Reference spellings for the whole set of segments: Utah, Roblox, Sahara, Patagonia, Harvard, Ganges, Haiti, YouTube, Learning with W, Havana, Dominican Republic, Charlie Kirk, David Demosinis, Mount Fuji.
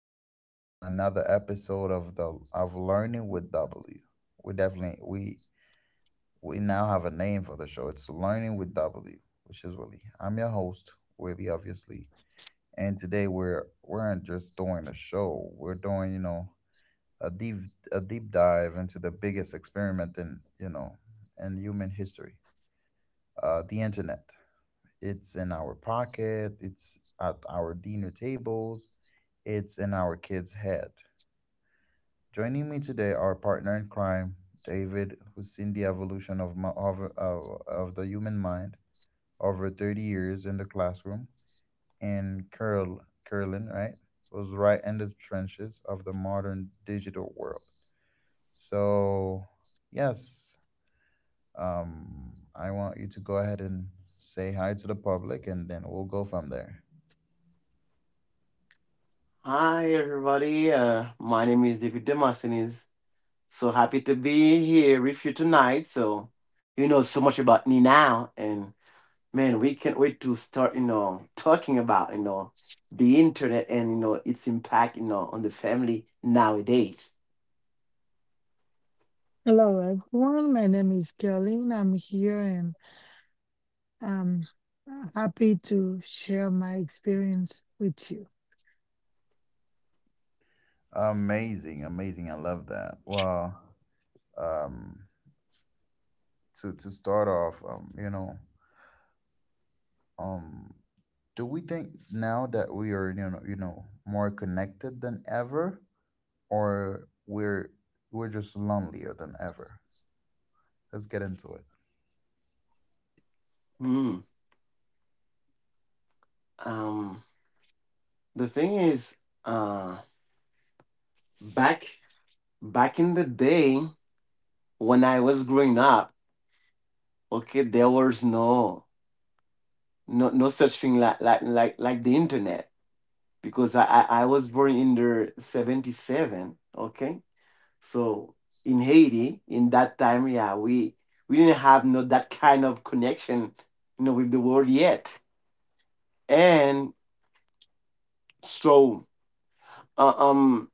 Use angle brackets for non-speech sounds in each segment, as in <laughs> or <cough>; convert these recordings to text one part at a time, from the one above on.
back to another episode of the of Learning with W. We definitely We now have a name for the show. It's Learning with W, which is Willie. I'm your host, Willie, obviously. And today we're not just doing a show. We're doing, a deep dive into the biggest experiment in, in human history. The internet. It's in our pocket, it's at our dinner tables, it's in our kids' head. Joining me today are partner in crime, David, who's seen the evolution of, the human mind over 30 years in the classroom, and Curlin, right, was right in the trenches of the modern digital world. So, yes, I want you to go ahead and say hi to the public, and then we'll go from there. Hi everybody, my name is David Demosinis. So happy to be here with you tonight. So you know so much about me now, and man, we can't wait to start, talking about the internet and its impact, on the family nowadays. Hello, everyone. My name is Caroline. I'm here and I'm happy to share my experience with you. Amazing, amazing. I love that. Well, um, to start off, you know. um do we think now that we are you know, more connected than ever, or we're just lonelier than ever? Let's get into it. Hmm. Um, the thing is, uh, back back in the day when I was growing up, okay, there was no such thing like the internet because I was born in the 77, okay, so in Haiti in that time, yeah, we didn't have no that kind of connection with the world yet. And so uh, um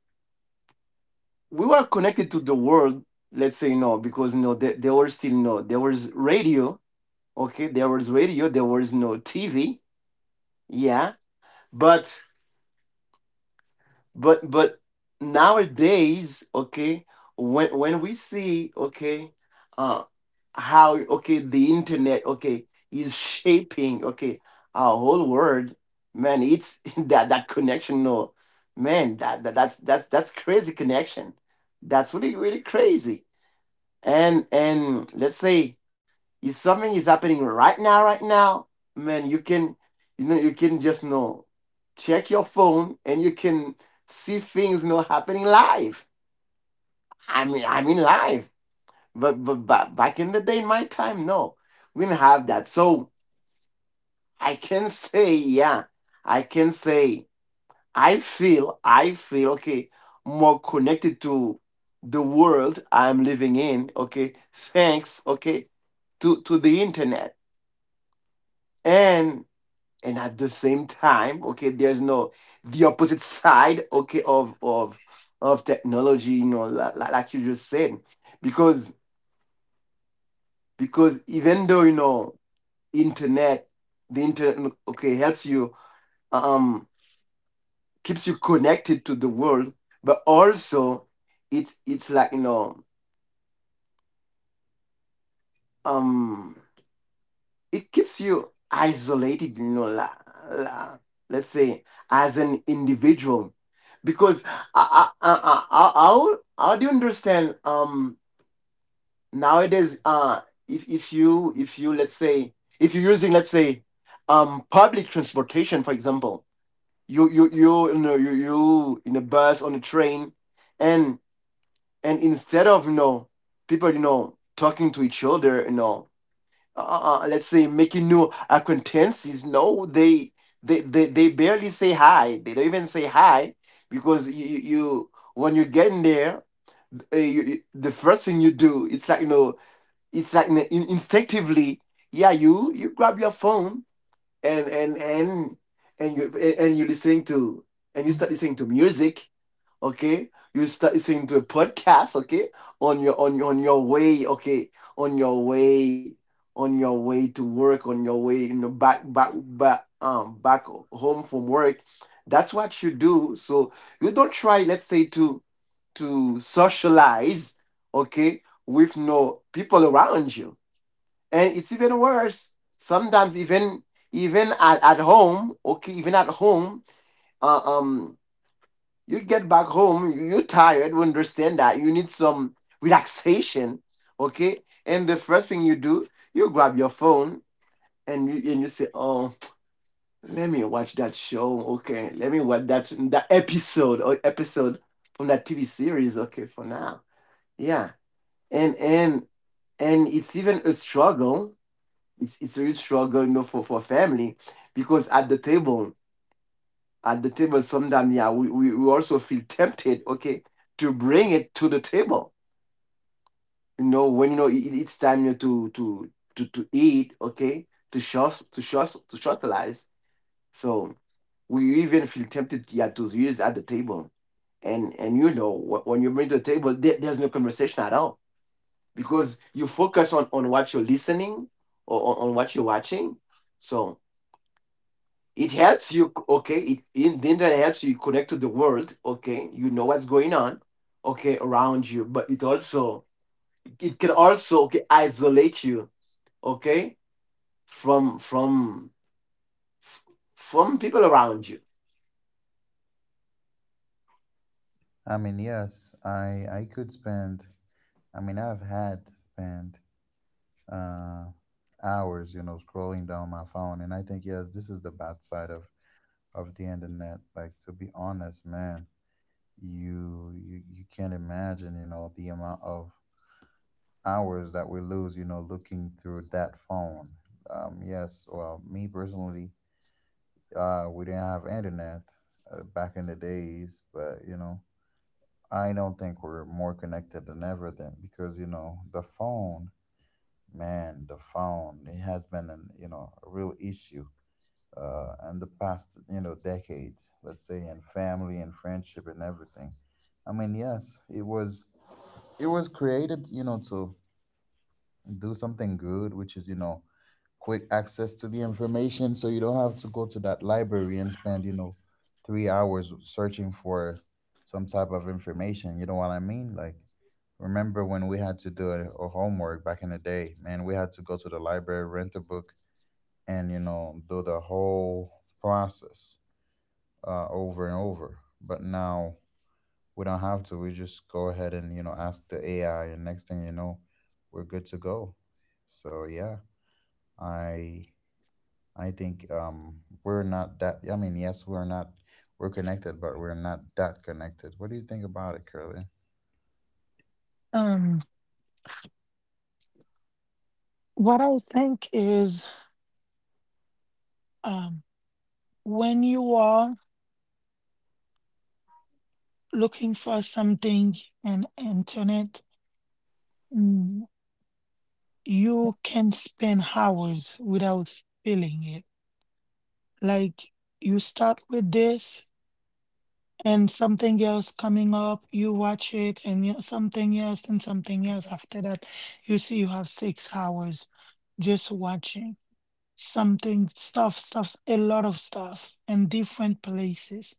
we were connected to the world, let's say, because there was still no, there was radio, okay, there was radio, there was no TV, yeah. But but but nowadays, okay, when we see, okay, uh how, okay, the internet, okay, is shaping, okay, our whole world, man, it's <laughs> that connection. No, man, that's that's crazy connection. That's really really crazy. And let's say if something is happening right now, right now, man, you can, you can just check your phone and you can see things happening live. I mean live. But but back in the day, in my time, no, we didn't have that. So I can say, yeah, I can say, I feel, okay, more connected to the world I'm living in. Okay, thanks. Okay, to the internet. and and at the same time, okay, there's no, the opposite side, okay, of technology, like you just said, because even though internet the internet, okay, helps you, um keeps you connected to the world, but also it's like um it keeps you isolated, la, let's say as an individual. Because how do you understand nowadays, if you, let's say, if you're using, let's say, public transportation, for example, you you know you in a bus, on a train, and instead of people talking to each other, let's say making new acquaintances. No, they they barely say hi. They don't even say hi because you, when you get in there, the first thing you do, it's like it's like instinctively, yeah, you grab your phone, and and you listening to and you start listening to music, okay, you start listening to a podcast, okay, on your on your way, okay, on your way, on your way to work, on your way back back home from work. That's what you do. So you don't try, let's say, to socialize, okay, with no people around you. And it's even worse sometimes, even even at home, okay, even at home, uh, um you get back home, you- are tired, we understand that. You need some relaxation, okay? And the first thing you do, you grab your phone and you say, oh, let me watch that show, okay? Let me watch that episode or episode from that TV series, okay, for now. Yeah. And it's even a struggle. It's a real struggle, for family, because at the table, at the table sometimes, yeah, we also feel tempted, okay, to bring it to the table. When it's time, to eat, okay, to socialize. So we even feel tempted, yeah, to use at the table. And when you bring to the table, there's no conversation at all, because you focus on what you're listening, or on what you're watching. So it helps you, okay, it, the internet helps you connect to the world, okay, you know what's going on, okay, around you. But it also, it can also, okay, isolate you, okay, from f- from people around you. I mean, yes, I could spend, I mean, I've had spent, uh hours, you know, scrolling down my phone, and I think yes, this is the bad side of the internet. Like, to be honest, man, you can't imagine, you know, the amount of hours that we lose, you know, looking through that phone. Yes, well, me personally, we didn't have internet back in the days, but you know, I don't think we're more connected than ever then, because you know the phone, man, the phone, it has been an you know a real issue. In the past, you know, decades, let's say, in family and friendship and everything. I mean, yes, it was created, you know, to do something good, which is, you know, quick access to the information, so you don't have to go to that library and spend, you know, 3 hours searching for some type of information, you know what I mean, like, remember when we had to do a homework back in the day, man, we had to go to the library, rent a book, and, you know, do the whole process, over and over. But now we don't have to, we just go ahead and, you know, ask the AI, and next thing you know, we're good to go. So yeah, I think we're not that. I mean, yes, we're not. We're connected, but we're not that connected. What do you think about it, Curly? Um, what I think is, um, when you are looking for something on internet, mm, you can spend hours without feeling it. Like you start with this and something else coming up, you watch it and something else and something else. After that, you see you have 6 hours just watching something, stuff, stuff, a lot of stuff in different places.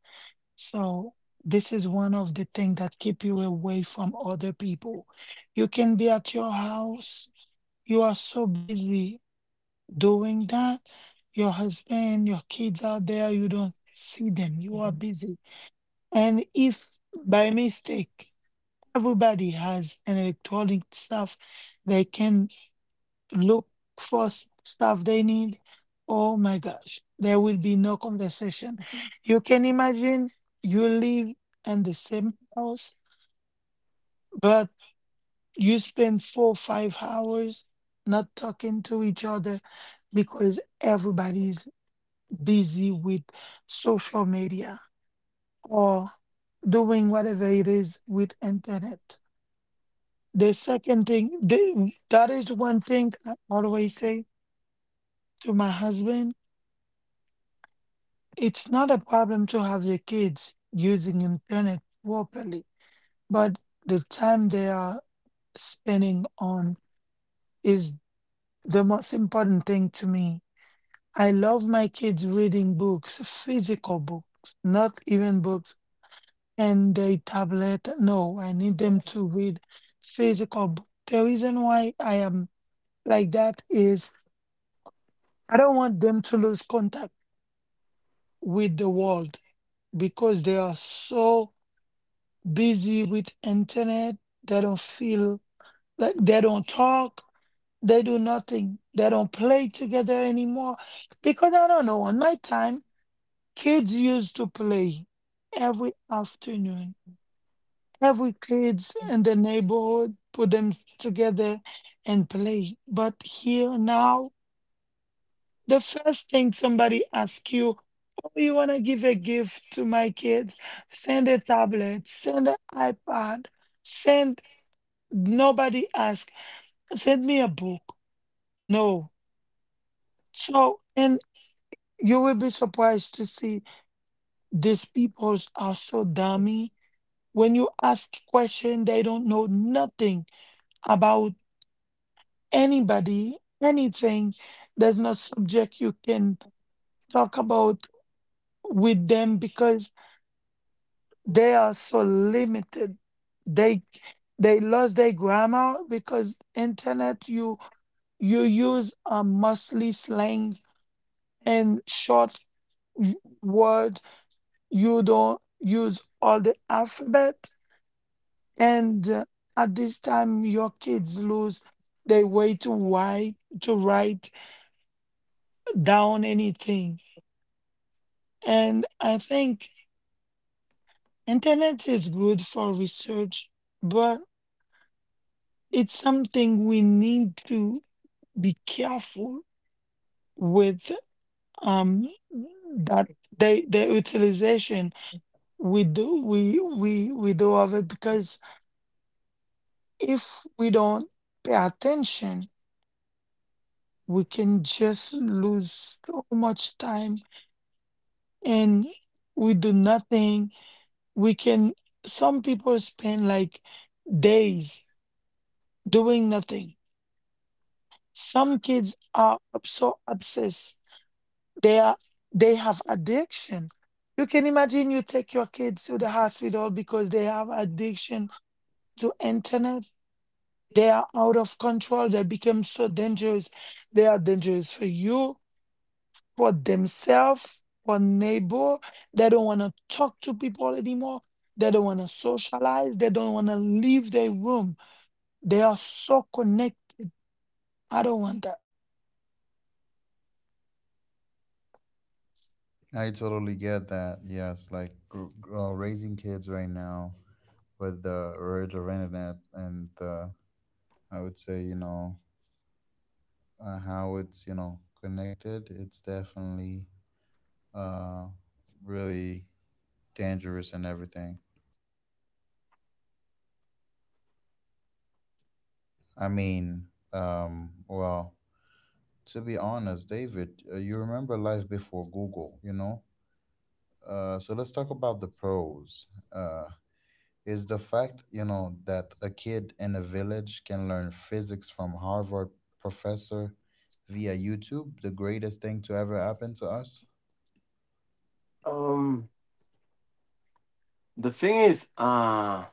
So this is one of the things that keep you away from other people. You can be at your house. You are so busy doing that. Your husband, your kids out there, you don't see them. You are busy, and if by mistake everybody has an electronic stuff, they can look for stuff they need. Oh my gosh, there will be no conversation. You can imagine you live in the same house, but you spend 4 5 hours not talking to each other because everybody is busy with social media or doing whatever it is with internet. The second thing, that is one thing I always say to my husband. It's not a problem to have your kids using internet properly, but the time they are spending on is the most important thing to me. I love my kids reading books, physical books, not even books and a tablet. No, I need them to read physical books. The reason why I am like that is I don't want them to lose contact with the world because they are so busy with internet. They don't feel like they don't talk. They do nothing. They don't play together anymore. Because I don't know, on my time, kids used to play every afternoon. Every kids in the neighborhood put them together and play. But here now the first thing somebody asks you, oh, you want to give a gift to my kids? Send a tablet, send an iPad, send, nobody asks, send me a book. No. So, and you will be surprised to see these people are so dummy. When you ask question, they don't know nothing about anybody, anything. There's no subject you can talk about with them because they are so limited. They lost their grammar because internet you use a mostly slang and short words. You don't use all the alphabet. And at this time, your kids lose their way to write to write down anything. And I think internet is good for research, but it's something we need to be careful with, um that the utilization we do of it because if we don't pay attention we can just lose so much time and we do nothing. We can, some people spend like days doing nothing. Some kids are so obsessed. They are, they have addiction. You can imagine you take your kids to the hospital because they have addiction to internet. They are out of control. They become so dangerous. They are dangerous for you, for themselves, for neighbor. They don't want to talk to people anymore. They don't want to socialize. They don't want to leave their room. They are so connected. I don't want that. I totally get that. Yes, like, raising kids right now with the urge of internet, and I would say, you know, how it's, you know, connected. It's definitely uh, really dangerous and everything. I mean, well, to be honest, David, you remember life before Google, you know? So let's talk about the pros. Is the fact, you know, that a kid in a village can learn physics from Harvard professor via YouTube the greatest thing to ever happen to us? um the thing is,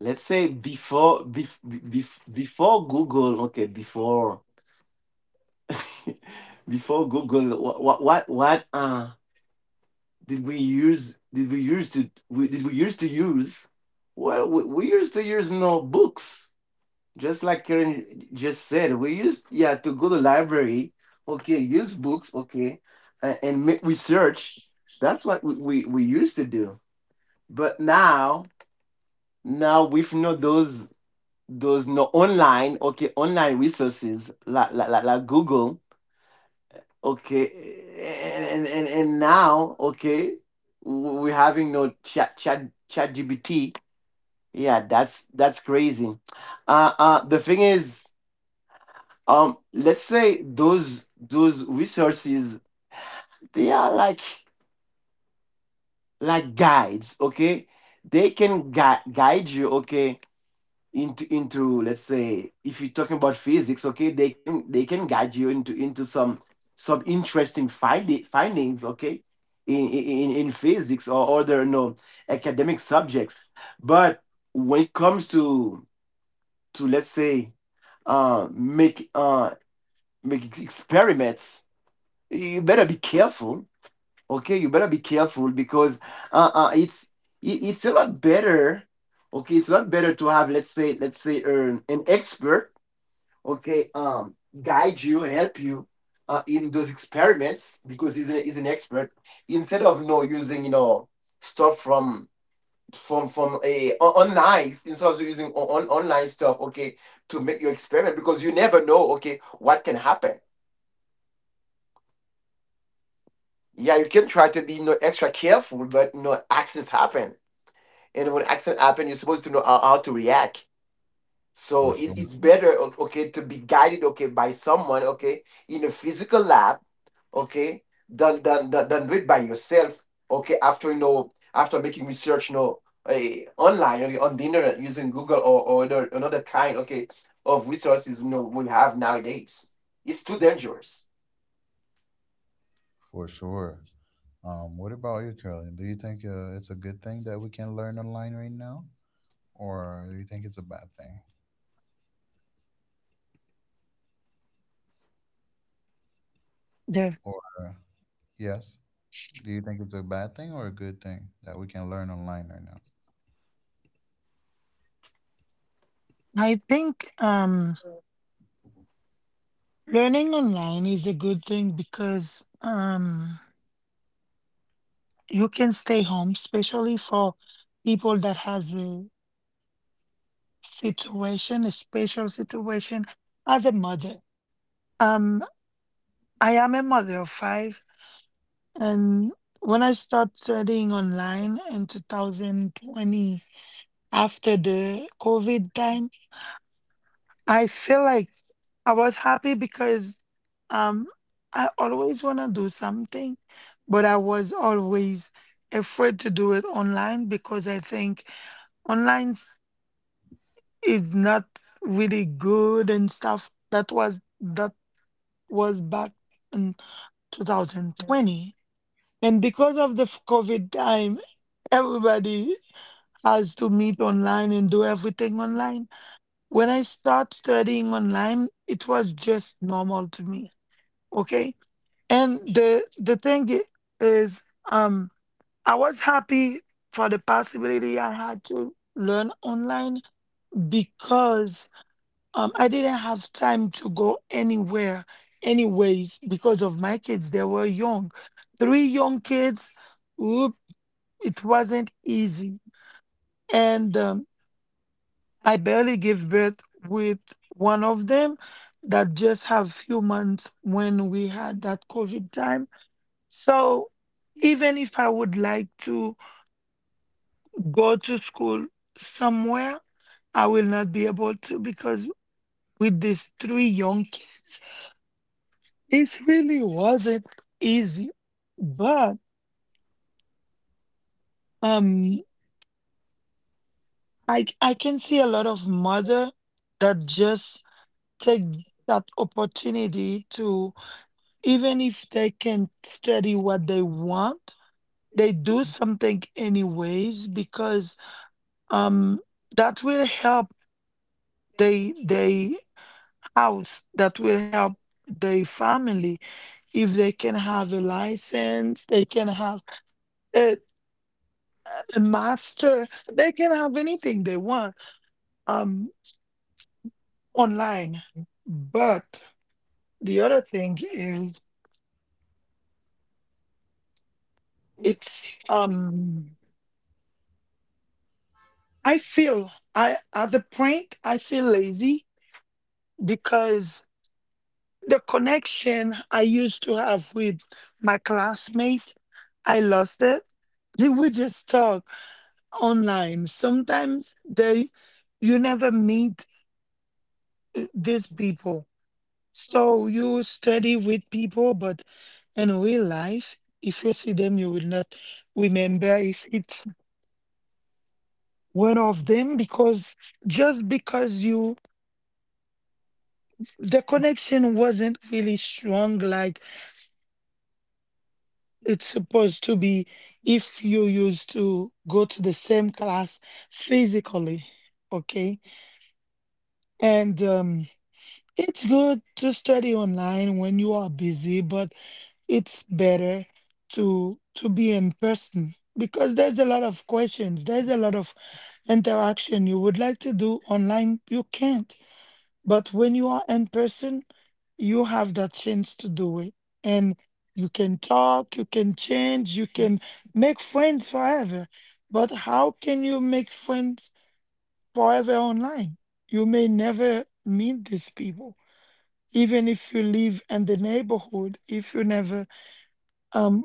let's say before before Google, okay, before <laughs> before Google, what did we use did we used to we, did we used to use, well, we used to use no books, just like Karen just said. We used, yeah, to go to library, okay, use books, okay, and make research. That's what we used to do. But now now we've no those those no online, okay, online resources, like like Google. Okay, and now, okay, we're having no chat GBT. Yeah, that's crazy. The thing is, let's say those resources, they are like guides. Okay, they can guide you, okay, into let's say, if you're talking about physics, okay, they can guide you into some interesting findings, okay, in in physics or other no academic subjects. But when it comes to let's say uh make uh make experiments, you better be careful, okay, you better be careful because it's it's a lot better, okay, it's a lot better to have, let's say, an expert, okay, guide you, help you, in those experiments, because he's, a, he's an expert. Instead of using stuff from a online, instead of using online stuff, okay, to make your experiment, because you never know, okay, what can happen. Yeah, you can try to be, extra careful, but you know accidents happen, and when accidents happen, you're supposed to know how to react. So For sure. it's better, okay, to be guided, okay, by someone, okay, in a physical lab, okay, than than do it by yourself, okay, after after making research, online or on the internet, using Google or other, another kind, okay, of resources, you know, we have nowadays. It's too dangerous. For sure. What about you, Curly? Do you think it's a good thing that we can learn online right now? Or do you think it's a bad thing? Or, uh, yes? Do you think it's a bad thing or a good thing that we can learn online right now? I think, learning online is a good thing because you can stay home, especially for people that has a situation, a special situation as a mother. Um, I am a mother of five, and when I started studying online in 2020 after the COVID time, I feel like I was happy because, um, I always want to do something, but I was always afraid to do it online because I think online is not really good and stuff. That was back in 2020, and because of the COVID time, everybody has to meet online and do everything online. When I start studying online, it was just normal to me. Okay, and the thing is, um, I was happy for the possibility I had to learn online because, I didn't have time to go anywhere, anyways, because of my kids. They were young, three young kids. Whoop, it wasn't easy, and, I barely gave birth with one of them that just have few months when we had that COVID time. So even if I would like to go to school somewhere, I will not be able to because with these three young kids. It really wasn't easy, but, um, I can see a lot of mother that just take that opportunity to, even if they can study what they want, they do something anyways because um that will help they house, that will help their family. If they can have a license, they can have, uh, the master, they can have anything they want um online. But the other thing is, it's, I feel I at the point I feel lazy because the connection I used to have with my classmate I lost it. They would just talk online sometimes. They You never meet these people. So you study with people, but in real life, if you see them, you will not remember if it's one of them because just because you, the connection wasn't really strong like it's supposed to be if you used to go to the same class physically, okay? And, it's good to study online when you are busy, but it's better to be in person because there's a lot of questions, there's a lot of interaction you would like to do online you can't, but when you are in person you have that chance to do it. And you can talk, you can change, you can make friends forever. But how can you make friends forever online? You may never meet these people, even if you live in the neighborhood, if you never um.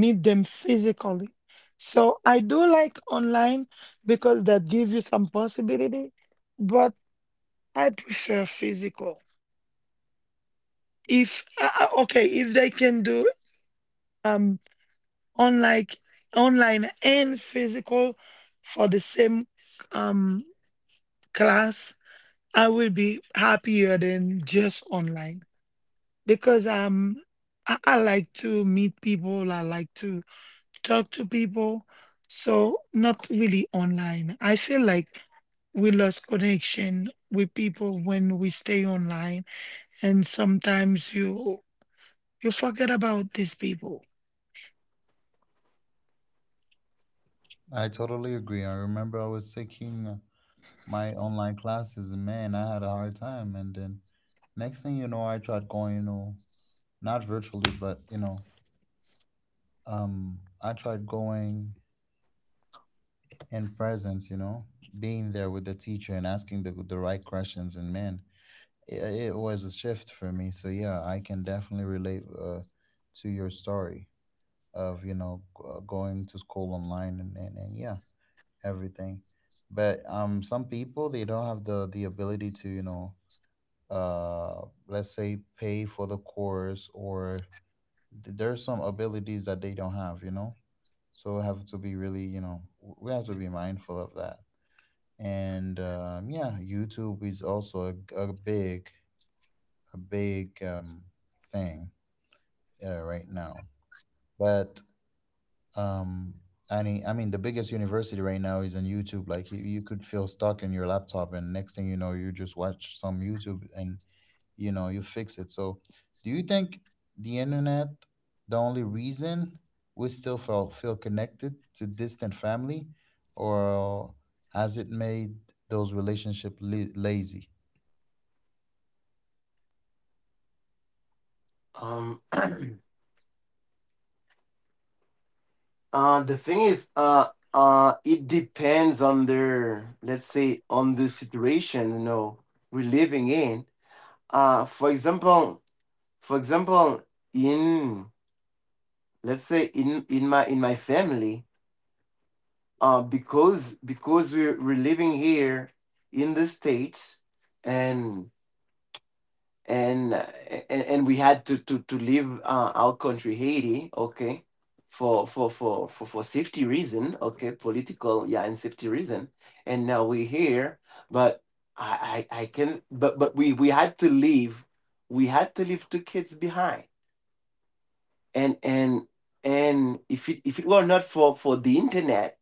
meet them physically. So I do like online because that gives you some possibility, but I prefer physical. If okay, if they can do um online, online and physical for the same um class, I will be happier than just online because, I like to meet people. I like to talk to people. So not really online. I feel like we lost connection with people when we stay online, and sometimes you forget about these people. I totally agree. I remember I was taking my online classes, and man, I had a hard time. And then next thing you know, I tried going, you know, not virtually, but you know, I tried going in presence, you know, being there with the teacher and asking the right questions. And man, it, it was a shift for me. So yeah, I can definitely relate to your story of, you know, going to school online and yeah, everything. But um, some people they don't have the ability to, you know, uh let's say pay for the course, or there are some abilities that they don't have, you know. So we have to be really, you know, we have to be mindful of that. And yeah, YouTube is also a big, a big thing right now. But um, and I mean, the biggest university right now is on YouTube. Like, you could feel stuck in your laptop, and next thing you know, you just watch some YouTube and, you know, you fix it. So, do you think the internet, the only reason we still feel connected to distant family, or has it made those relationship lazy? Um, <clears throat> the thing is, it depends on their, let's say, on the situation, you know, we're living in. For example, for example, in, let's say, in in my family, because we're living here in the states, and and uh, and we had to leave, our country, Haiti, okay, for safety reason, okay, political, yeah, and safety reason. And now we're here, but I can, but we had to leave, we had to leave two kids behind. And if it were not for the internet,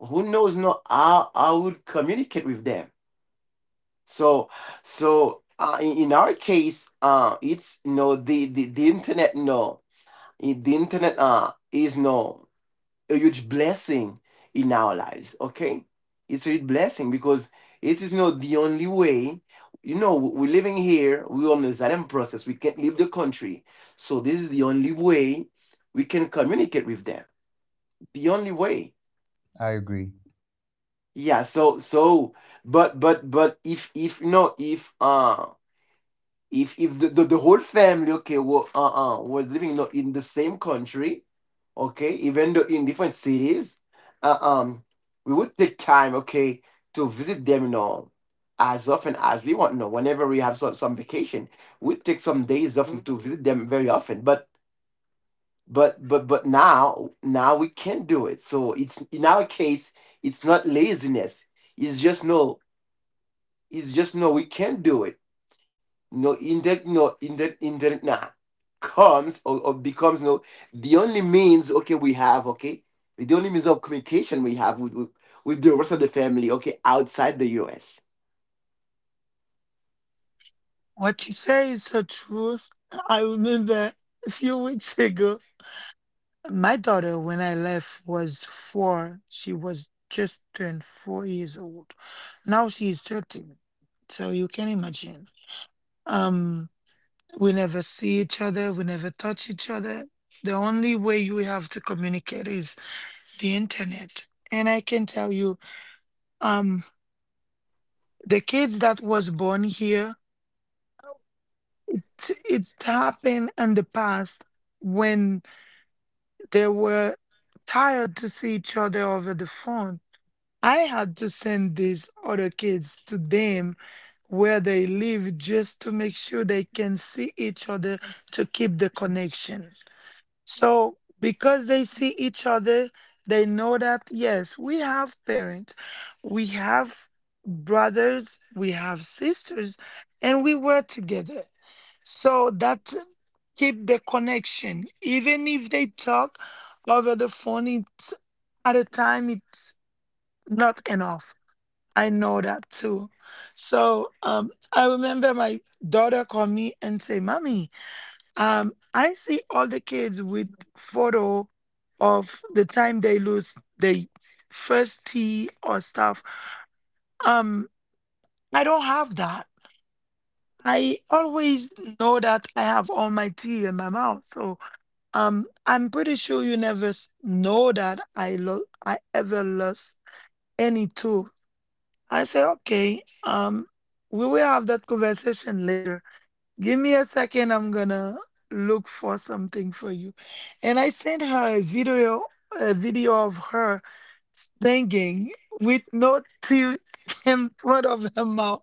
who knows no how I would communicate with them. So so in our case, it's, you know, the the internet, no, the internet is no a huge blessing in our lives. Okay, it's a huge blessing because it is not the only way. You know, we're living here. We're on the asylum process. We can't leave the country, so this is the only way we can communicate with them. The only way. I agree. Yeah. So so but if no, if if if the whole family, okay, were was living not in the same country, okay, even though in different cities, uh, um we would take time, okay, to visit them, you know, as often as we want. No, whenever we have some vacation, we take some days off to visit them very often. But now, now we can't do it. So it's, in our case, it's not laziness, it's just no, is just no, we can't do it. No, in that, no, in that, in that nah, comes or becomes no, the only means, okay, we have, okay, the only means of communication we have with the rest of the family, okay, outside the U.S. What you say is the truth. I remember a few weeks ago, my daughter, when I left, was four. She was just turned 4 years old. Now she is 13. So you can imagine. Um, We never see each other. We never touch each other. The only way you have to communicate is the internet. And I can tell you, um, the kids that was born here, it happened in the past when they were tired to see each other over the phone. I had to send these other kids to them where they live just to make sure they can see each other, to keep the connection. So, because they see each other, they know that yes, we have parents, we have brothers, we have sisters, and we were together. So that keep the connection. Even if they talk over the phone, it's at a time it's not enough. I know that too. So, I remember my daughter called me and say, "Mommy, I see all the kids with photo of the time they lose their first tea or stuff. Um, I don't have that. I always know that I have all my tea in my mouth. So, I'm pretty sure you never know that I ever lost any tooth." I say, "Okay, we will have that conversation later. Give me a second. I'm gonna look for something for you." And I sent her a video of her singing with no teeth <laughs> in front of her mouth.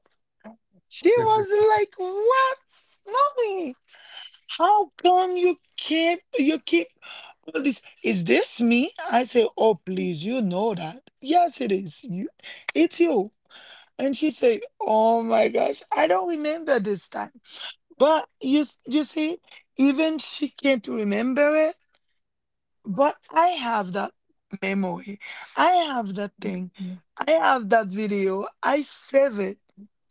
She was like, "What, mommy? How come you keep all this? Is this me?" I say, "Oh, please, you know that. Yes, it is you. It's you." And she said, "Oh my gosh, I don't remember this time." But you see, even she can't remember it, but I have that memory. I have that thing. I have that video. I save it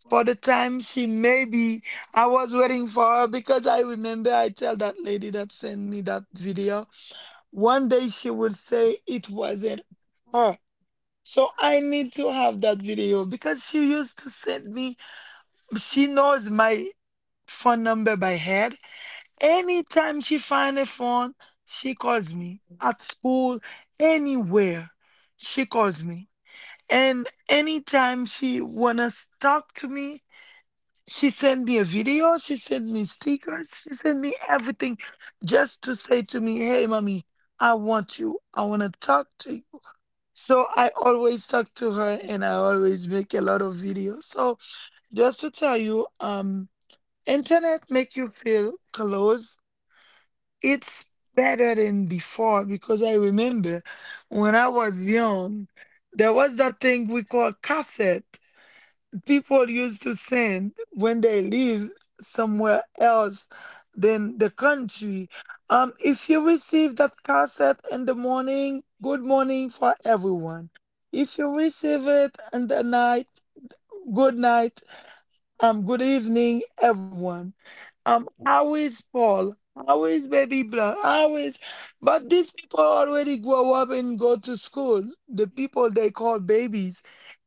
for the time she maybe, I was waiting for her because I remember I tell that lady that sent me that video, one day she would say it wasn't her. So I need to have that video. Because she used to send me, she knows my phone number by head. Anytime she find a phone, she calls me. At school, anywhere, she calls me. And anytime she wanna talk to me, she send me a video, she send me stickers, she send me everything just to say to me, hey mommy, I want you. I wanna talk to you. So I always talk to her, and I always make a lot of videos. So just to tell you, internet make you feel close, it's better than before, because I remember when I was young, there was that thing we call cassette. People used to send when they live somewhere else than the country. If you receive that cassette in the morning, good morning for everyone. If you receive it in the night, good night, good evening, everyone. How is Paul? How is baby blah? How is But these people already grow up and go to school. The people they call babies.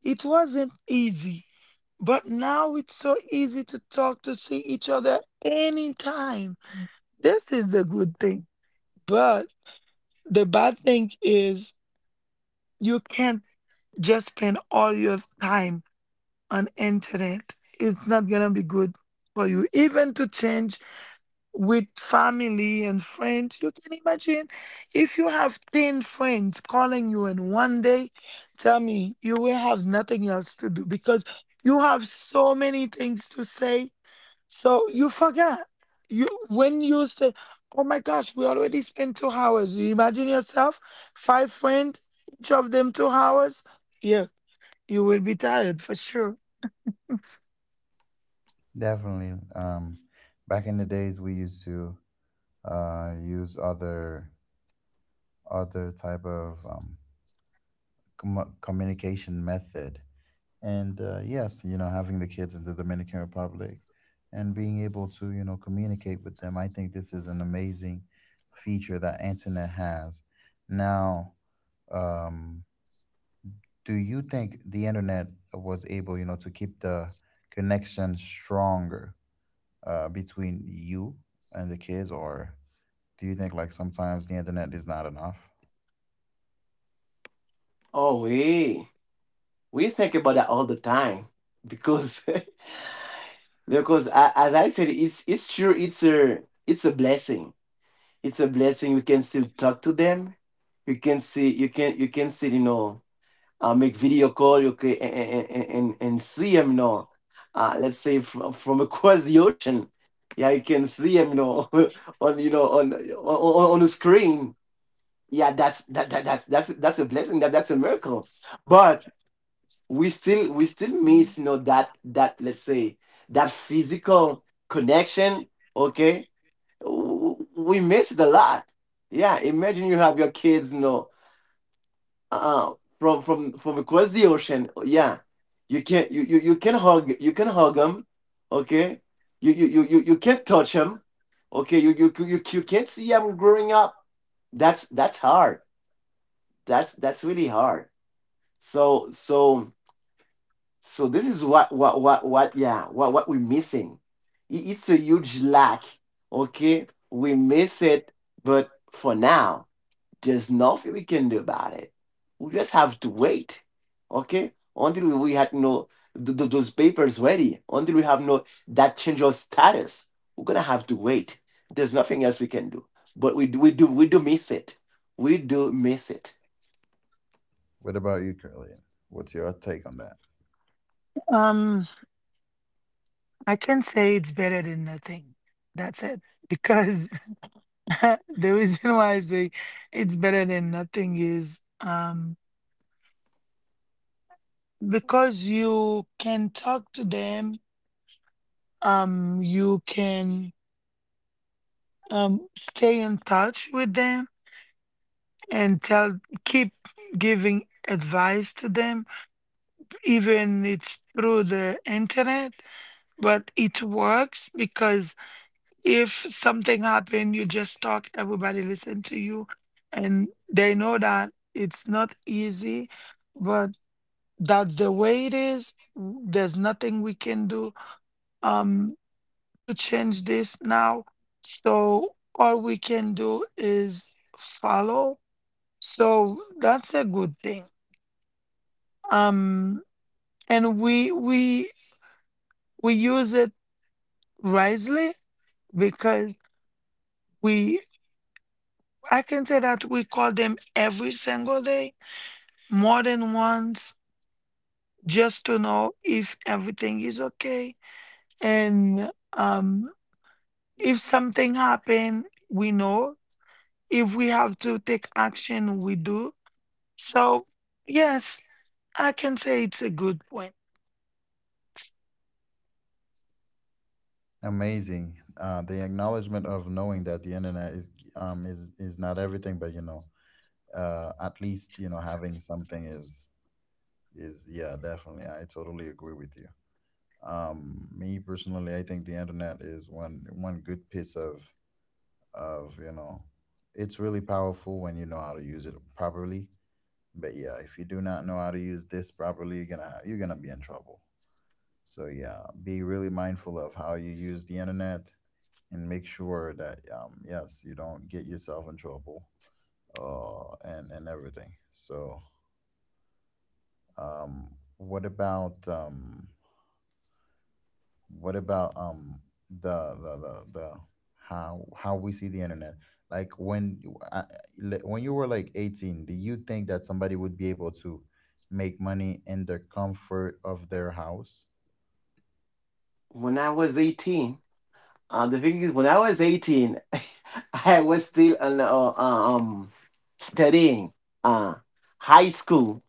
It wasn't easy. But now it's so easy to talk, to see each other anytime. This is the good thing. But the bad thing is, you can't just spend all your time on internet. It's not gonna be good for you. Even to change with family and friends. You can imagine if you have 10 friends calling you in one day, tell me you will have nothing else to do because you have so many things to say. So you forget. You When you say, oh my gosh, we already spent 2 hours. You imagine yourself, five friends, each of them 2 hours. Yeah, you will be tired for sure. Definitely. Um, back in the days we used to use other type of communication method. And yes, you know, having the kids in the Dominican Republic and being able to, you know, communicate with them, I think this is an amazing feature that internet has. Now, um, do you think the internet was able, you know, to keep the connection stronger between you and the kids, or do you think like sometimes the internet is not enough? Oh, we think about that all the time, because <laughs> because as I said, it's true. It's a blessing. It's a blessing. You can still talk to them. You can see, you can still, make video call. You can and see them, let's say from, <laughs> across the ocean. Yeah, you can see them, you know. <laughs> On on on on the screen. Yeah, that's that's a blessing. That's a miracle. But we still miss, that let's say that physical connection. Okay, we missed a lot. Yeah, imagine you have your kids, you know, uh, from from across the ocean. Yeah, you can you can hug, you can hug them, okay. You You can't touch them, okay. You can't see them growing up. That's hard. That's really hard. So so so this is what yeah what we're missing. It's a huge lack. Okay, we miss it, but for now, there's nothing we can do about it. We just have to wait, okay? Until we had no those papers ready, until we have no that change of status, we're gonna have to wait. There's nothing else we can do. But we do, we do miss it. We do miss it. What about you, Curly? What's your take on that? Um, I can say it's better than nothing. That's it. <laughs> Because <laughs> the reason why I say it's better than nothing is, because you can talk to them, you can stay in touch with them and tell keep giving advice to them, even it's through the internet, but it works because if something happened, you just talk, everybody listen to you, and they know that it's not easy, but that's the way it is. There's nothing we can do um to change this now. So all we can do is follow. So that's a good thing. Um and we use it wisely because we I can say that we call them every single day, more than once, just to know if everything is okay, and if something happen, we know. If we have to take action, we do. So yes, I can say it's a good point. Amazing. The acknowledgement of knowing that the internet is not everything, but you know, at least you know, having something is, yeah, definitely. I totally agree with you. Me personally, I think the internet is one good piece of, you know, it's really powerful when you know how to use it properly. But yeah, if you do not know how to use this properly, you're gonna be in trouble. So yeah, be really mindful of how you use the internet, and make sure that yes, you don't get yourself in trouble, and everything. So um, what about um, what about the how, we see the internet? Like, when you were like 18, do you think that somebody would be able to make money in the comfort of their house? When I was 18, the thing is, when I was 18, <laughs> I was still an, uh, um studying uh high school.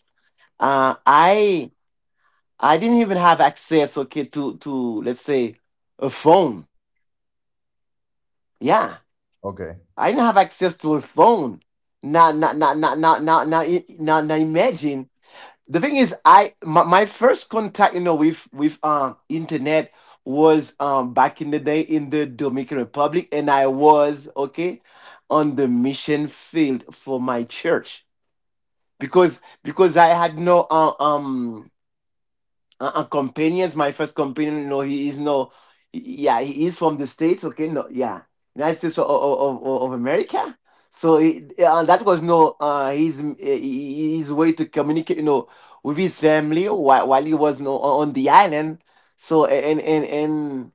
Uh, I I didn't even have access, okay, to let's say a phone. Yeah, Okay. I didn't have access to a phone. Now, now imagine. The thing is, I my, my first contact, you know, with internet was back in the day in the Dominican Republic, and I was okay on the mission field for my church because I had no companions. My first companion, no, he is no, yeah, he is from the states. Okay, no, yeah, United States of America. So he, that was no his his way to communicate, you know, with his family while he was no on the island. So and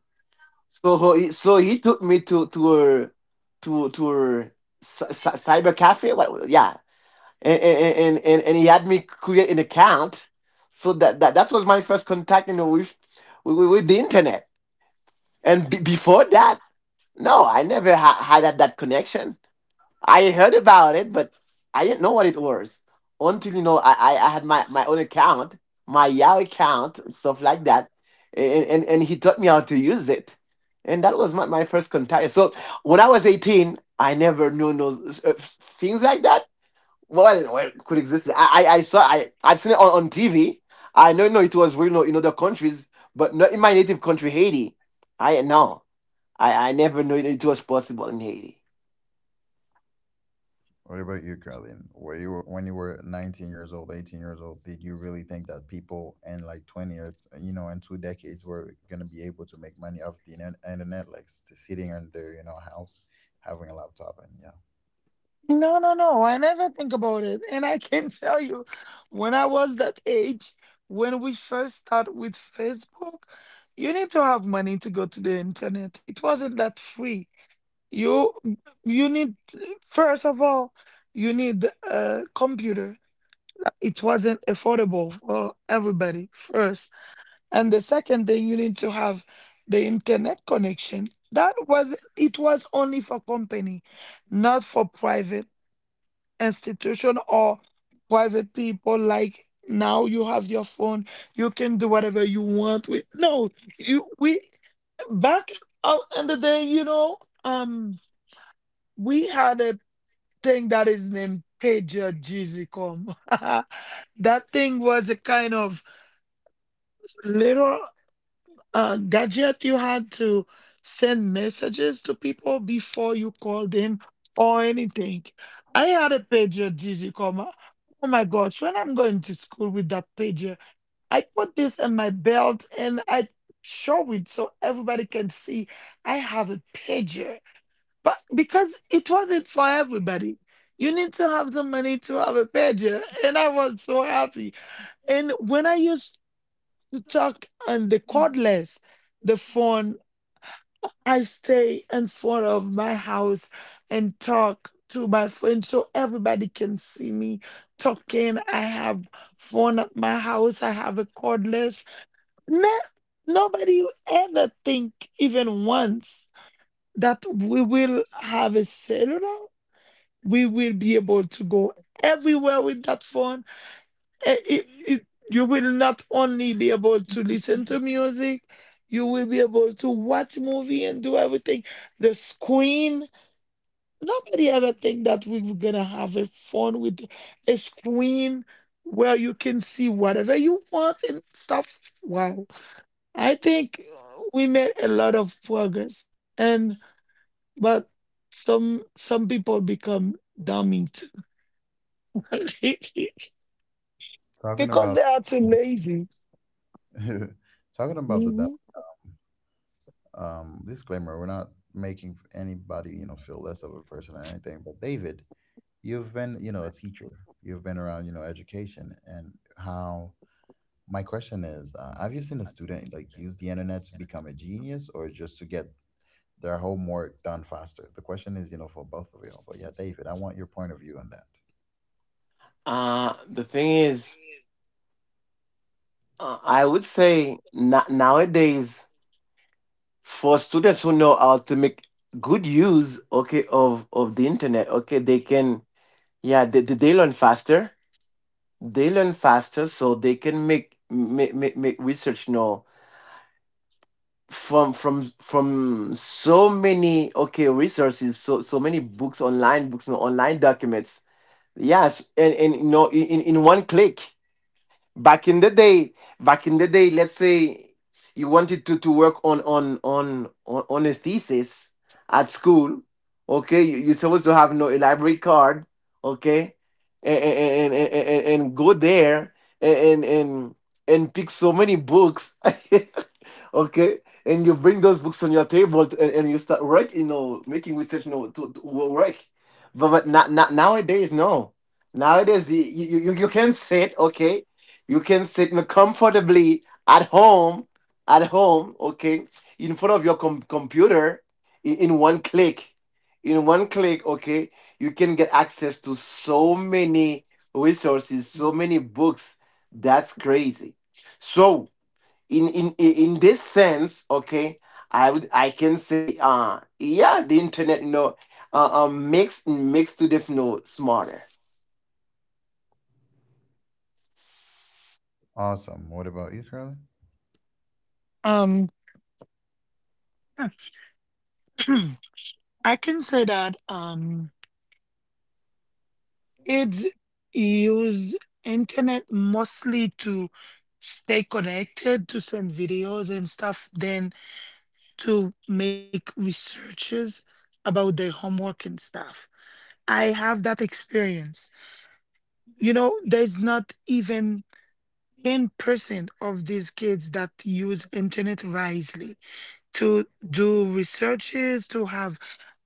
so he took me to her to her cyber cafe. What? Yeah, he had me create an account, so that was my first contact, you know, with with the internet. And before that, no I never had that, that connection. I heard about it, but I didn't know what it was until, you know, I had my, my own account, my Yahoo account, stuff like that. And, and he taught me how to use it, and that was my, my first contact. So when I was 18, I never knew those things like that could exist. I saw. I've seen it on TV. I know, no, it was real, no, in other countries, but not in my native country, Haiti. I no, I never knew it was possible in Haiti. What about you, Carlin? Were you, when you were 19 years old, 18 years old, did you really think that people in like 20, or you know, in two decades, were gonna be able to make money off the internet, like, sitting in their, you know, house, having a laptop and yeah. No, no, no. I never think about it. And I can <laughs> tell you, when I was that age, when we first start with Facebook, you need to have money to go to the internet. It wasn't that free. You you need, first of all, you need a computer. It wasn't affordable for everybody first. And the second thing, you need to have the internet connection. That was It was only for company, not for private institution or private people. Like now you have your phone, you can do whatever you want with. No, you we back out in the day, um, we had a thing that is named pager GZCom. <laughs> That thing was a kind of little, gadget you had to send messages to people before you called them or anything. I had a pager, Gigi, comma. Oh my gosh, when I'm going to school with that pager, I put this in my belt and I show it so everybody can see I have a pager. But because it wasn't for everybody, you need to have the money to have a pager. And I was so happy. And when I used to talk on the cordless, the phone. I stay in front of my house and talk to my friends so everybody can see me talking. I have phone at my house. I have a cordless. No, nobody will ever think even once that we will have a cellular. We will be able to go everywhere with that phone, eh, it, it, you will not only be able to listen to music, you will be able to watch movie and do everything. The screen, nobody ever think that we were gonna have a phone with a screen where you can see whatever you want and stuff. Wow. I think we made a lot of progress, and but some people become dummy too <laughs> Talking because about they are too lazy. <laughs> talking about the Mhm. di- um disclaimer, we're not making anybody, you know, feel less of a person or anything. But David, you've been, you know, a teacher, you've been around, you know, education and how. My question is, have you seen a student like use the internet to become a genius, or just to get their homework done faster? The question is, you know, for both of you. But yeah, David, I want your point of view on that. The thing is, I would say nowadays, for students who know how to make good use, okay, of the internet, okay, they can, yeah, they learn faster. They learn faster, so they can make research. You know, from from so many, okay, resources, so so many books, online books and online documents. Yes, and you know, in in one click. Back in the day, back in the day, let's say you wanted to work on a thesis at school. Okay, you're supposed to have no elaborate card, okay, and go there and and pick so many books <laughs> okay, and you bring those books on your table to, and you start work, you know, making research, you know, to work. But not nowadays, no. Nowadays, you can sit, okay, you can sit comfortably at home, okay, in front of your computer, in one click. In one click, okay, you can get access to so many resources, so many books. That's crazy. So, in this sense, okay, I can say, yeah, the internet, you know, makes students, you know, smarter. Awesome. What about you, Charlie? Um <clears throat> I can say that kids use internet mostly to stay connected, to send videos and stuff, then to make researches about their homework and stuff. I have that experience. You know, there's not even 10% of these kids that use internet wisely to do researches, to have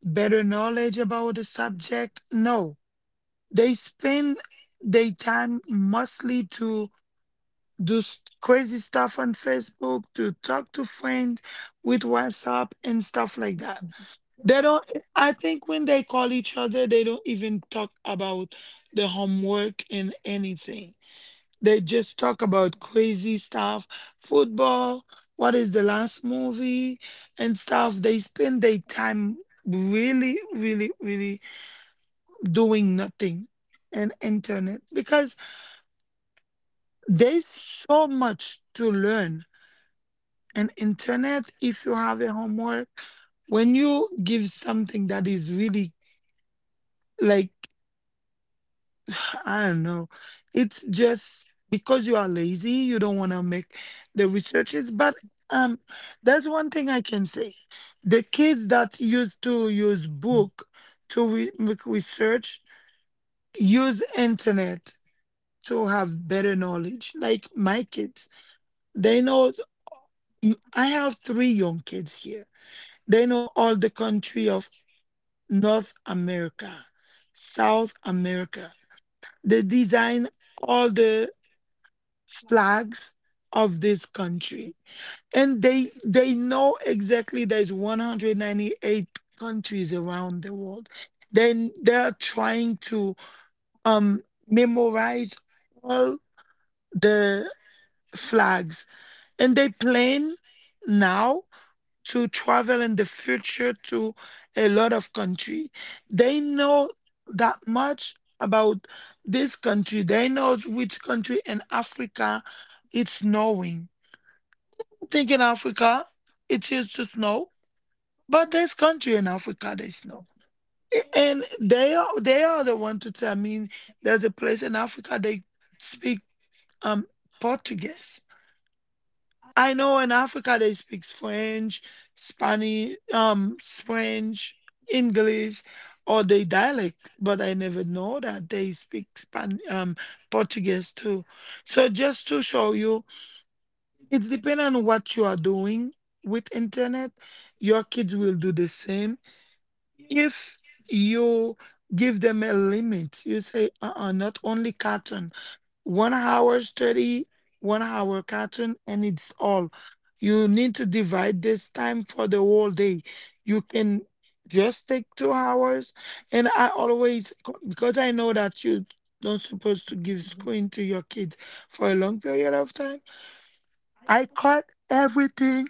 better knowledge about the subject. No. They spend their time mostly to do crazy stuff on Facebook, to talk to friends with WhatsApp and stuff like that. They don't, I think when they call each other, they don't even talk about the homework and anything. They just talk about crazy stuff, football, what is the last movie and stuff. They spend their time really, really, really doing nothing and internet, because there's so much to learn. And internet, if you have a homework, when you give something that is really like <sighs> I don't know, it's just because you are lazy, you don't want to make the researches. But um, that's one thing I can say. The kids that used to use book to make research use internet to have better knowledge. Like my kids, they know. I have three young kids here. They know all the country of North America, South America. They design all the flags of this country. And they know exactly there's 198 countries around the world. Then they're trying to um memorize all the flags, and they plan now to travel in the future to a lot of country. They know that much about this country. They knows which country in Africa it's snowing. Think in Africa it used to snow, but this country in Africa they snow. And they are the one to tell me there's a place in Africa they speak um Portuguese. I know in Africa they speak French, Spanish, French, English, or they dialect, but I never know that they speak Span Portuguese too. So just to show you, it's depending on what you are doing with internet. Your kids will do the same if you give them a limit. You say, uh-uh, not only cartoon one hour study, one hour cartoon, and it's all. You need to divide this time for the whole day. You can just take 2 hours. And I always, because I know that you don't supposed to give screen to your kids for a long period of time, I cut everything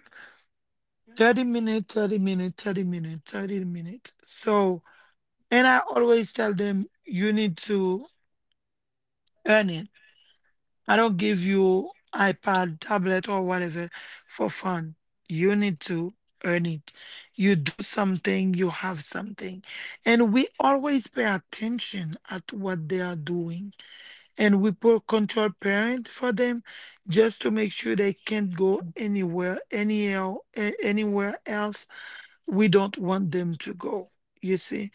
30 minutes, 30 minutes, 30 minutes, 30 minutes. So, and I always tell them you need to earn it. I don't give you iPad, tablet, or whatever for fun. You need to earn it. You do something, you have something. And we always pay attention at what they are doing. And we put control parent for them just to make sure they can't go anywhere, anywhere, anywhere else we don't want them to go. You see?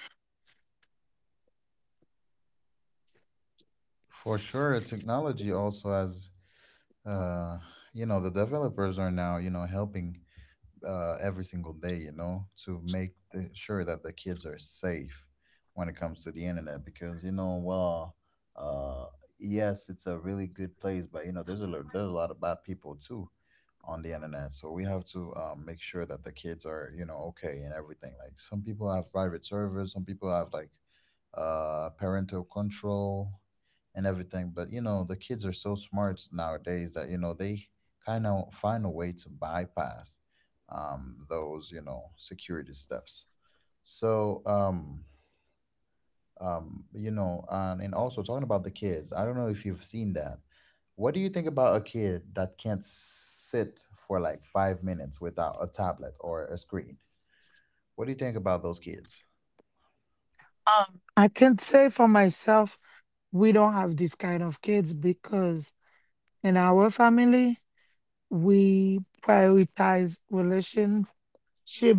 For sure, technology also has, uh, you know, the developers are now, you know, helping every single day, you know, to make sure that the kids are safe when it comes to the internet. Because you know, well, uh, yes, it's a really good place, but you know, there's there's a lot of bad people too on the internet. So we have to make sure that the kids are, you know, okay and everything. Like, some people have private servers, some people have like parental control, and everything. But you know, the kids are so smart nowadays that, you know, they kind of find a way to bypass those, you know, security steps. So you know, and also talking about the kids, I don't know if you've seen that. What do you think about a kid that can't sit for like 5 minutes without a tablet or a screen? What do you think about those kids? I can say for myself, we don't have this kind of kids because in our family, we prioritize relationship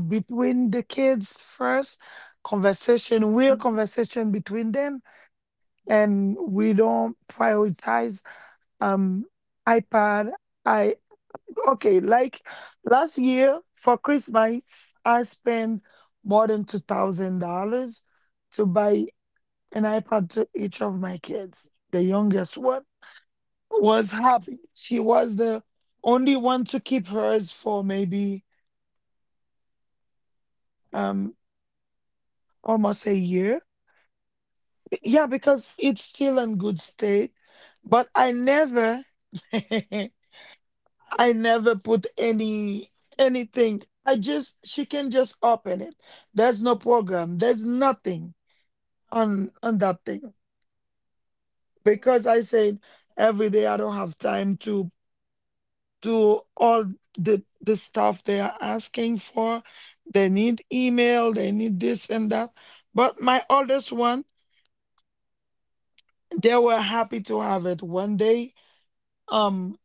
between the kids first, conversation, real conversation between them, and we don't prioritize um iPad. I Okay, like last year for Christmas, I spent more than $2,000 to buy an iPad to each of my kids. The youngest one was happy. She was the only one to keep hers for maybe um almost a year. Yeah, because it's still in good state. But I never <laughs> I never put anything. I just She can just open it. There's no program. There's nothing on that thing. Because I said every day I don't have time to do all the stuff they are asking for. They need email, they need this and that. But my oldest one, they were happy to have it. One day, um,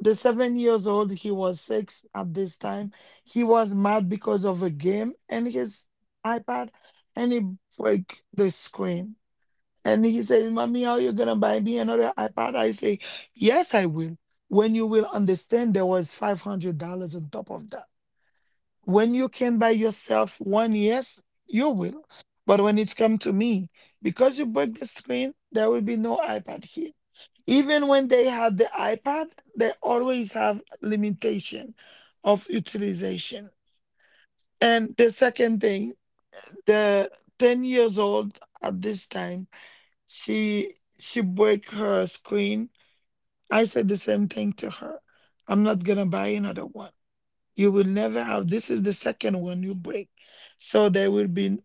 the 7 years old, he was six at this time. He was mad because of a game and his iPad, and he broke the screen. And he says, "Mommy, are you gonna buy me another iPad?" I say, "Yes, I will." When you will understand, there was $500 on top of that. When you can by yourself one, yes, you will. But when it's come to me, because you break the screen, there will be no iPad here. Even when they have the iPad, they always have limitation of utilization. And the second thing, the 10 years old at this time, she break her screen. I said the same thing to her, I'm not gonna buy another one. You will never have. This is the second one you break. So there will be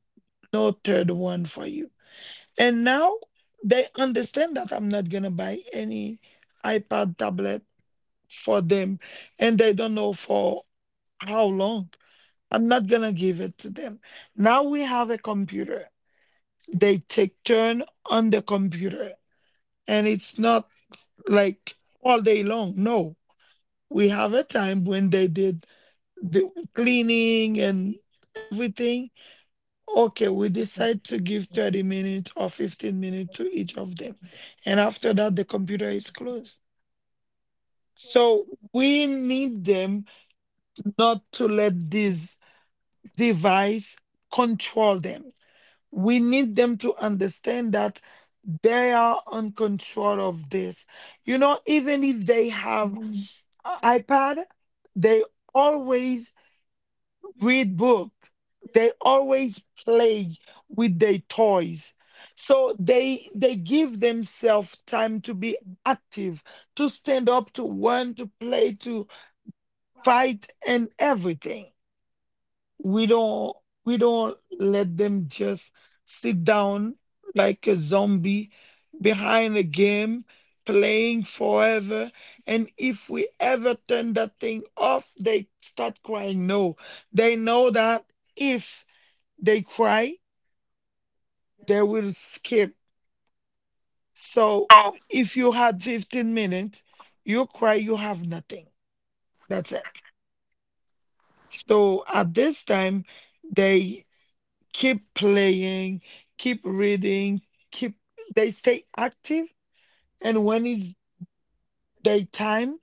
no third one for you. And now they understand that I'm not going to buy any iPad tablet for them. And they don't know for how long. I'm not going to give it to them. Now we have a computer. They take turn on the computer. And it's not like all day long. No. We have a time when they did the cleaning and everything. Okay, we decide to give 30 minutes or 15 minutes to each of them. And after that, the computer is closed. So we need them not to let this device control them. We need them to understand that they are on control of this. Even if they have a iPad, they always read book, they always play with their toys. So they give themselves time to be active, to stand up, to run, to play, to fight and everything. We don't we don't let them just sit down like a zombie behind a game playing forever. And if we ever turn that thing off, they start crying. No, they know that if they cry, they will skip. So if you had 15 minutes, you cry, you have nothing. That's it. So at this time, they. Keep playing, keep reading, keep, they stay active. And when it's daytime,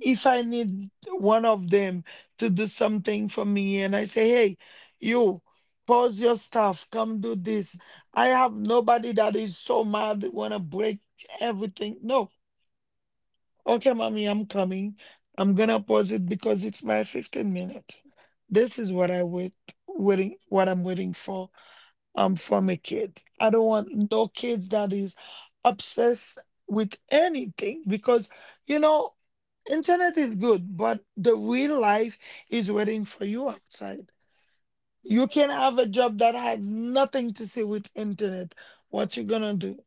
if I need one of them to do something for me and I say, "Hey, you pause your stuff, come do this." I have nobody that is so mad they wanna break everything. No. Okay, mommy, I'm coming. I'm gonna pause it because it's my 15 minute. This is what I'm waiting for from a kid. I don't want no kids that is obsessed with anything, because you know internet is good, but the real life is waiting for you outside. You can have a job that has nothing to see with internet. What you gonna do?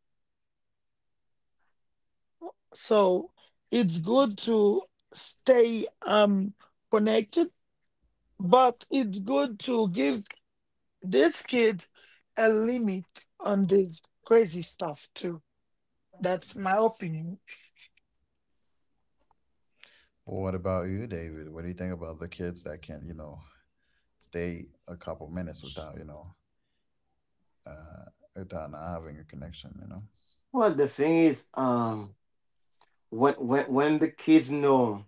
So it's good to stay connected, but it's good to give this kid a limit on this crazy stuff too. That's my opinion. What about you, David? What do you think about the kids that can, you know, stay a couple minutes without, you know, uh, without not having a connection, you know? Well, the thing is, um, when the kids know,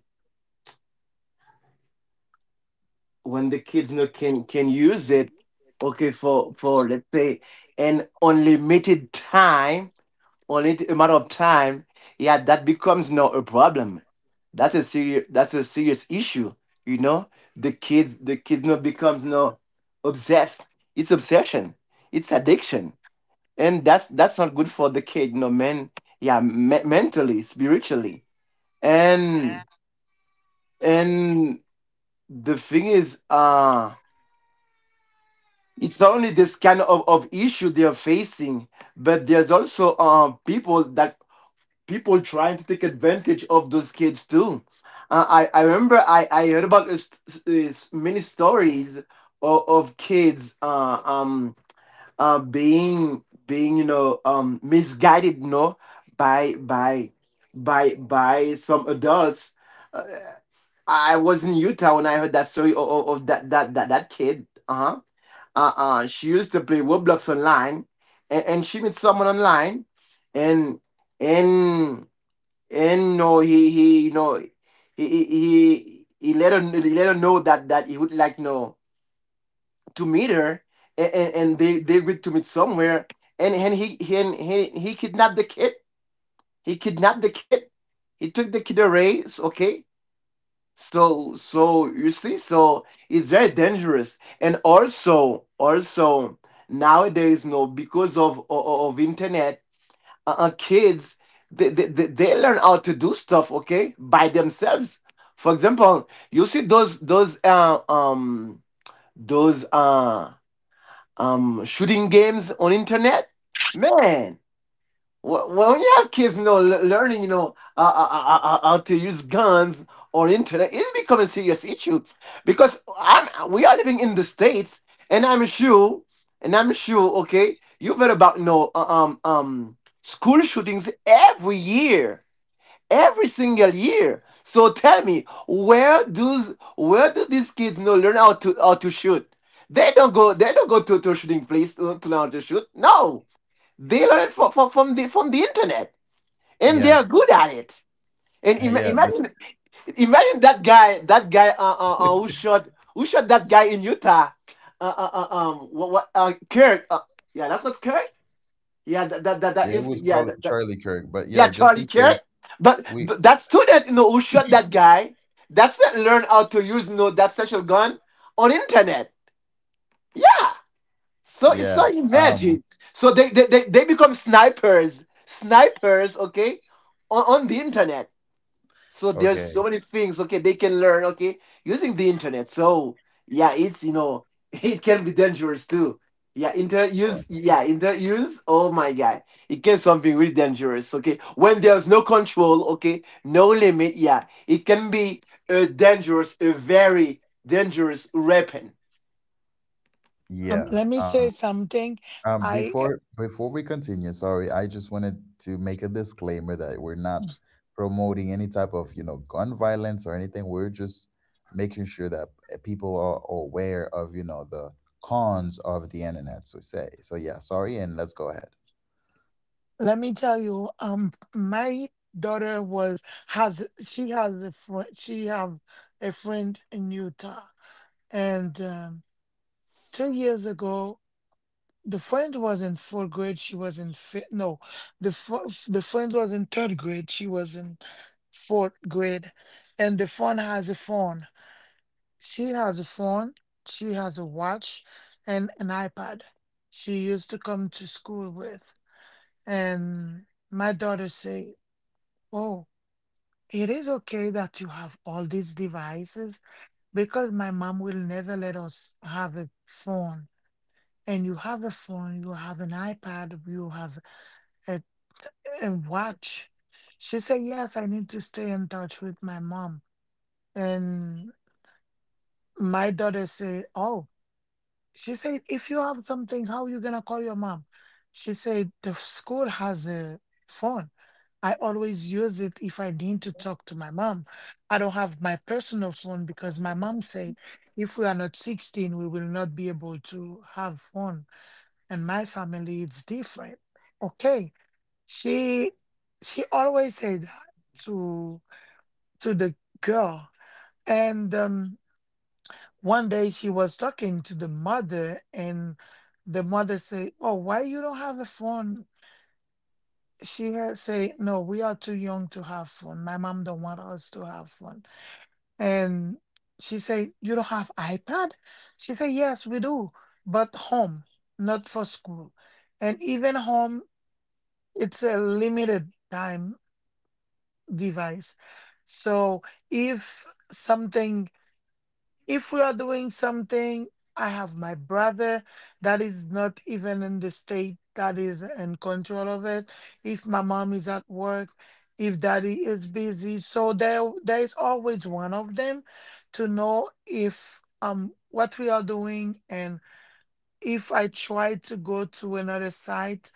when the kids know can use it, okay, for let's say an unlimited time, only amount of time, yeah, that becomes now a problem. That's a serious that's a serious issue, you know. The kids, the kids, now becomes now obsessed. It's obsession. It's addiction. And that's not good for the kid, you know, men, yeah, mentally, spiritually. And and the thing is, it's not only this kind of issue they're facing, but there's also people that, people trying to take advantage of those kids too. I remember I heard about this, many stories of kids being you know, misguided, no, by by some adults. Uh, I was in Utah when I heard that story of that, that kid. Uh huh. She used to play Roblox online, and she met someone online, and and and no, he you know, he let her, he let her know that that he would like, you know, to meet her, and and they agreed to meet somewhere, and he kidnapped the kid. He kidnapped the kid. He took the kid away. Okay, so, so you see, so it's very dangerous, and also, also nowadays, no, because of of internet, kids, they learn how to do stuff, okay, by themselves. For example, you see those those uh shooting games on internet, man. Well, well, when you have kids, you know, learning, you know, how to use guns or internet, it's becoming a serious issue because I'm we are living in the states, and I'm sure, and I'm sure, okay, you've heard about, you know, school shootings every year, every single year. So tell me, where does, where do these kids, you know, learn how to shoot? They don't go. They don't go to a shooting place to learn how to shoot. No, they learn it from, from the from the internet, and they are Yes, good at it. And <laughs> yeah, this, imagine, imagine that guy, <laughs> yeah, who shot, who shot that guy in Utah. What, Kirk, yeah, that's what's Kirk, yeah, that it was yeah, that, called that, Charlie Kirk, but yeah, yeah, just Charlie in Kirk. case But we. That student, you know, who shot that guy, that's that learn how to use, you know, that special gun on internet. Yeah. So it's, Yeah. so Um. imagine. So they become snipers, snipers, okay, on the internet. So there's Okay. so many things, okay, they can learn, okay, using the internet. So yeah, it's, you know, <laughs> it can be dangerous too. Yeah, internet Well. use. Yeah, internet use. Oh my god, it can something really dangerous. Okay, when there's no control, okay, no limit. Yeah, it can be a dangerous, a very dangerous weapon. Yeah. Let me say Um. something. I Before we continue, sorry, I just wanted to make a disclaimer that we're not promoting any type of, you know, gun violence or anything. We're just making sure that people are aware of, you know, the cons of the internet. So say so. Yeah. Sorry, and let's go ahead. let me tell you. My daughter was has she has a friend. She have a friend in Utah, and two years ago, the friend was in fourth grade. She was in fifth. No, the the friend was in third grade. She was in fourth grade, and the friend has a phone. She has a phone, she has a watch, and an iPad she used to come to school with. And my daughter say, "Oh, it is okay that you have all these devices because my mom will never let us have a phone. And you have a phone, you have an iPad, you have a, a watch." She said, "Yes, I need to stay in touch with my mom." And my daughter say, "Oh." She said, "If you have something, how you gonna call your mom?" She said, "The school has a phone. I always use it if I need to talk to my mom. I don't have my personal phone because my mom said if we are not 16, we will not be able to have phone. And my family, it's different." Okay. She she always said that to to the girl. And one day she was talking to the mother, and the mother say, "Oh, why you don't have a phone?" She had say, "No, we are too young to have phone. My mom don't want us to have phone." And she said, "You don't have ipad?" She said, "Yes, we do, but home, not for school. And even home, it's a limited time device. So if something, if we are doing something, I have my brother that is not even in the state that is in control of it. If my mom is at work, if daddy is busy, so there is always one of them to know if what we are doing. And if I try to go to another site,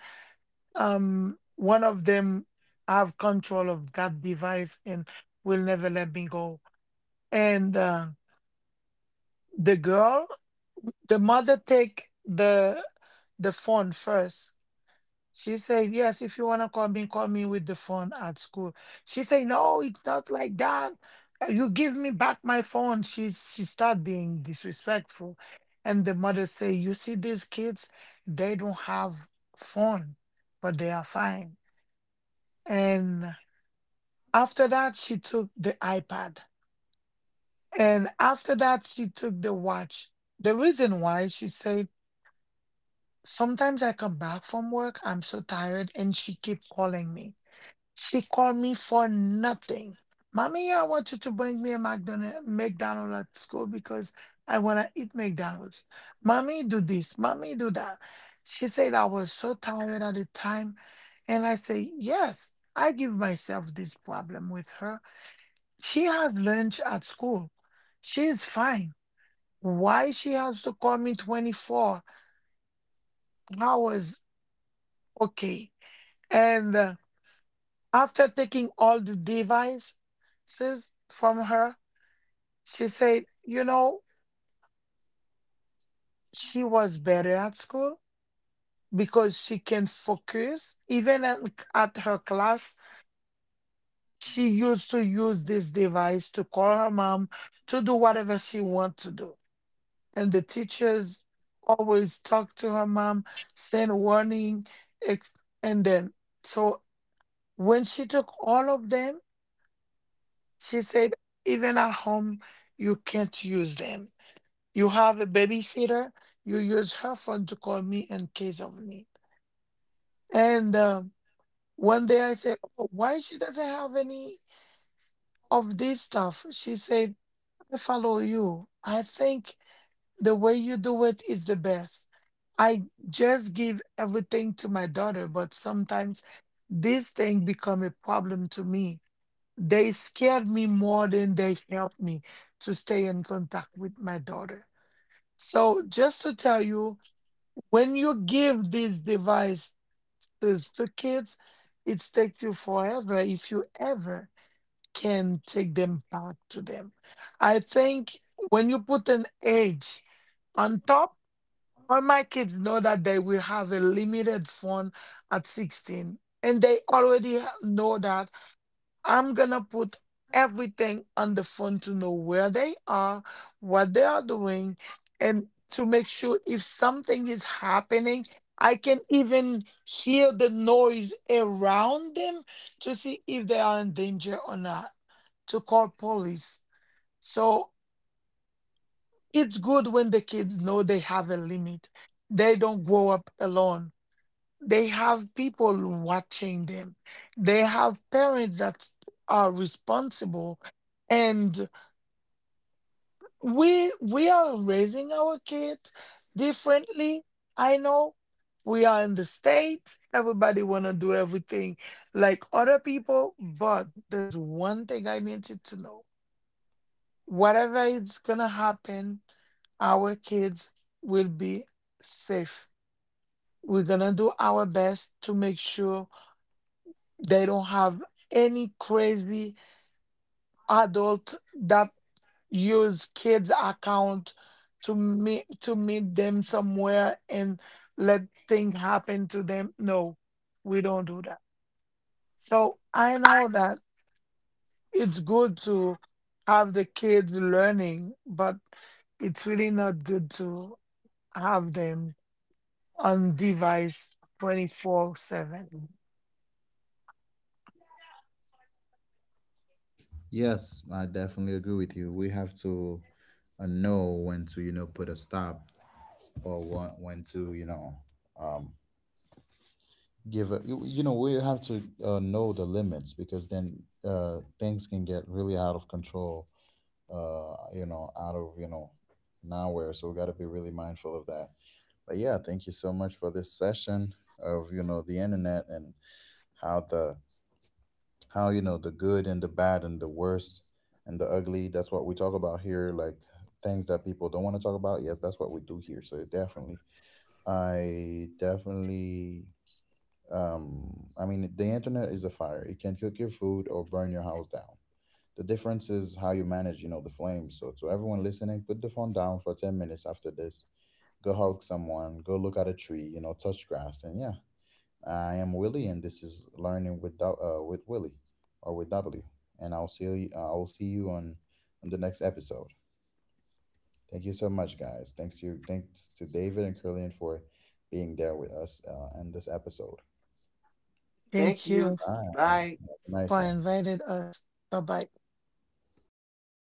one of them have control of that device and will never let me go." And the girl, the mother take the phone first. She said, "Yes, if you wanna call me with the phone at school." She said, "No, it's not like that. You give me back my phone." She start being disrespectful. And the mother say, "You see these kids, they don't have phone, but they are fine." And after that, she took the iPad. And after that, she took the watch. The reason why she said, "Sometimes I come back from work, I'm so tired, and she keep calling me. She called me for nothing. Mommy, I want you to bring me a McDonald's at school because I wanna eat McDonald's. Mommy, do this. Mommy, do that." She said, "I was so tired at the time, and I say yes. I give myself this problem with her. She has lunch at school. She is fine. Why she has to call me 24 hours?" Okay. And after taking all the devices from her, she said, "You know, she was better at school because she can focus. Even at her class, she used to use this device to call her mom to do whatever she want to do." And the teachers always talk to her mom, send warning, ex- and then so when she took all of them, she said, "Even at home, you can't use them. You have a babysitter, you use her phone to call me in case of need." And one day I said, "Oh, why she doesn't have any of this stuff?" She said, "I follow you. I think the way you do it is the best. I just give everything to my daughter, but sometimes this thing become a problem to me. They scared me more than they helped me to stay in contact with my daughter." So just to tell you, when you give these devices to kids, it takes you forever if you ever can take them back to them. I think when you put an age on top, all my kids know that they will have a limited phone at 16, and they already know that I'm gonna put everything on the phone to know where they are, what they are doing, and to make sure if something is happening, I can even hear the noise around them to see if they are in danger or not, to call police. So it's good when the kids know they have a limit. They don't grow up alone. They have people watching them. They have parents that are responsible. And we are raising our kids differently. I know we are in the States. Everybody wanna do everything like other people, but there's one thing I need you to know. Whatever is gonna happen, our kids will be safe. We're gonna do our best to make sure they don't have any crazy adult that use kids account to meet them somewhere and let things happen to them. No, we don't do that. So I know that it's good to have the kids learning, but it's really not good to have them on device 24/7. Yes, I definitely agree with you. We have to know when to, you know, put a stop, or when, to, you know, um, give a, you know, we have to know the limits, because then things can get really out of control you know, out of, you know, nowhere. So we got to be really mindful of that. But yeah, thank you so much for this session of, you know, the internet and how the how, you know, the good and the bad and the worst and the ugly, that's what we talk about here. Like, things that people don't want to talk about, yes, that's what we do here. So definitely, i definitely I mean, the internet is a fire. It can cook your food or burn your house down. The difference is how you manage, you know, the flames. So to everyone listening, put the phone down for 10 minutes after this. Go hug someone, go look at a tree, you know, touch grass. And yeah, I am Willie and this is Learning with with Willie or with W. And I'll see you on the next episode. Thank you so much guys. Thanks to David and Curlian for being there with us in this episode. Thank Thank you. you Bye. Bye. Have a nice for one. inviting us. Bye bye.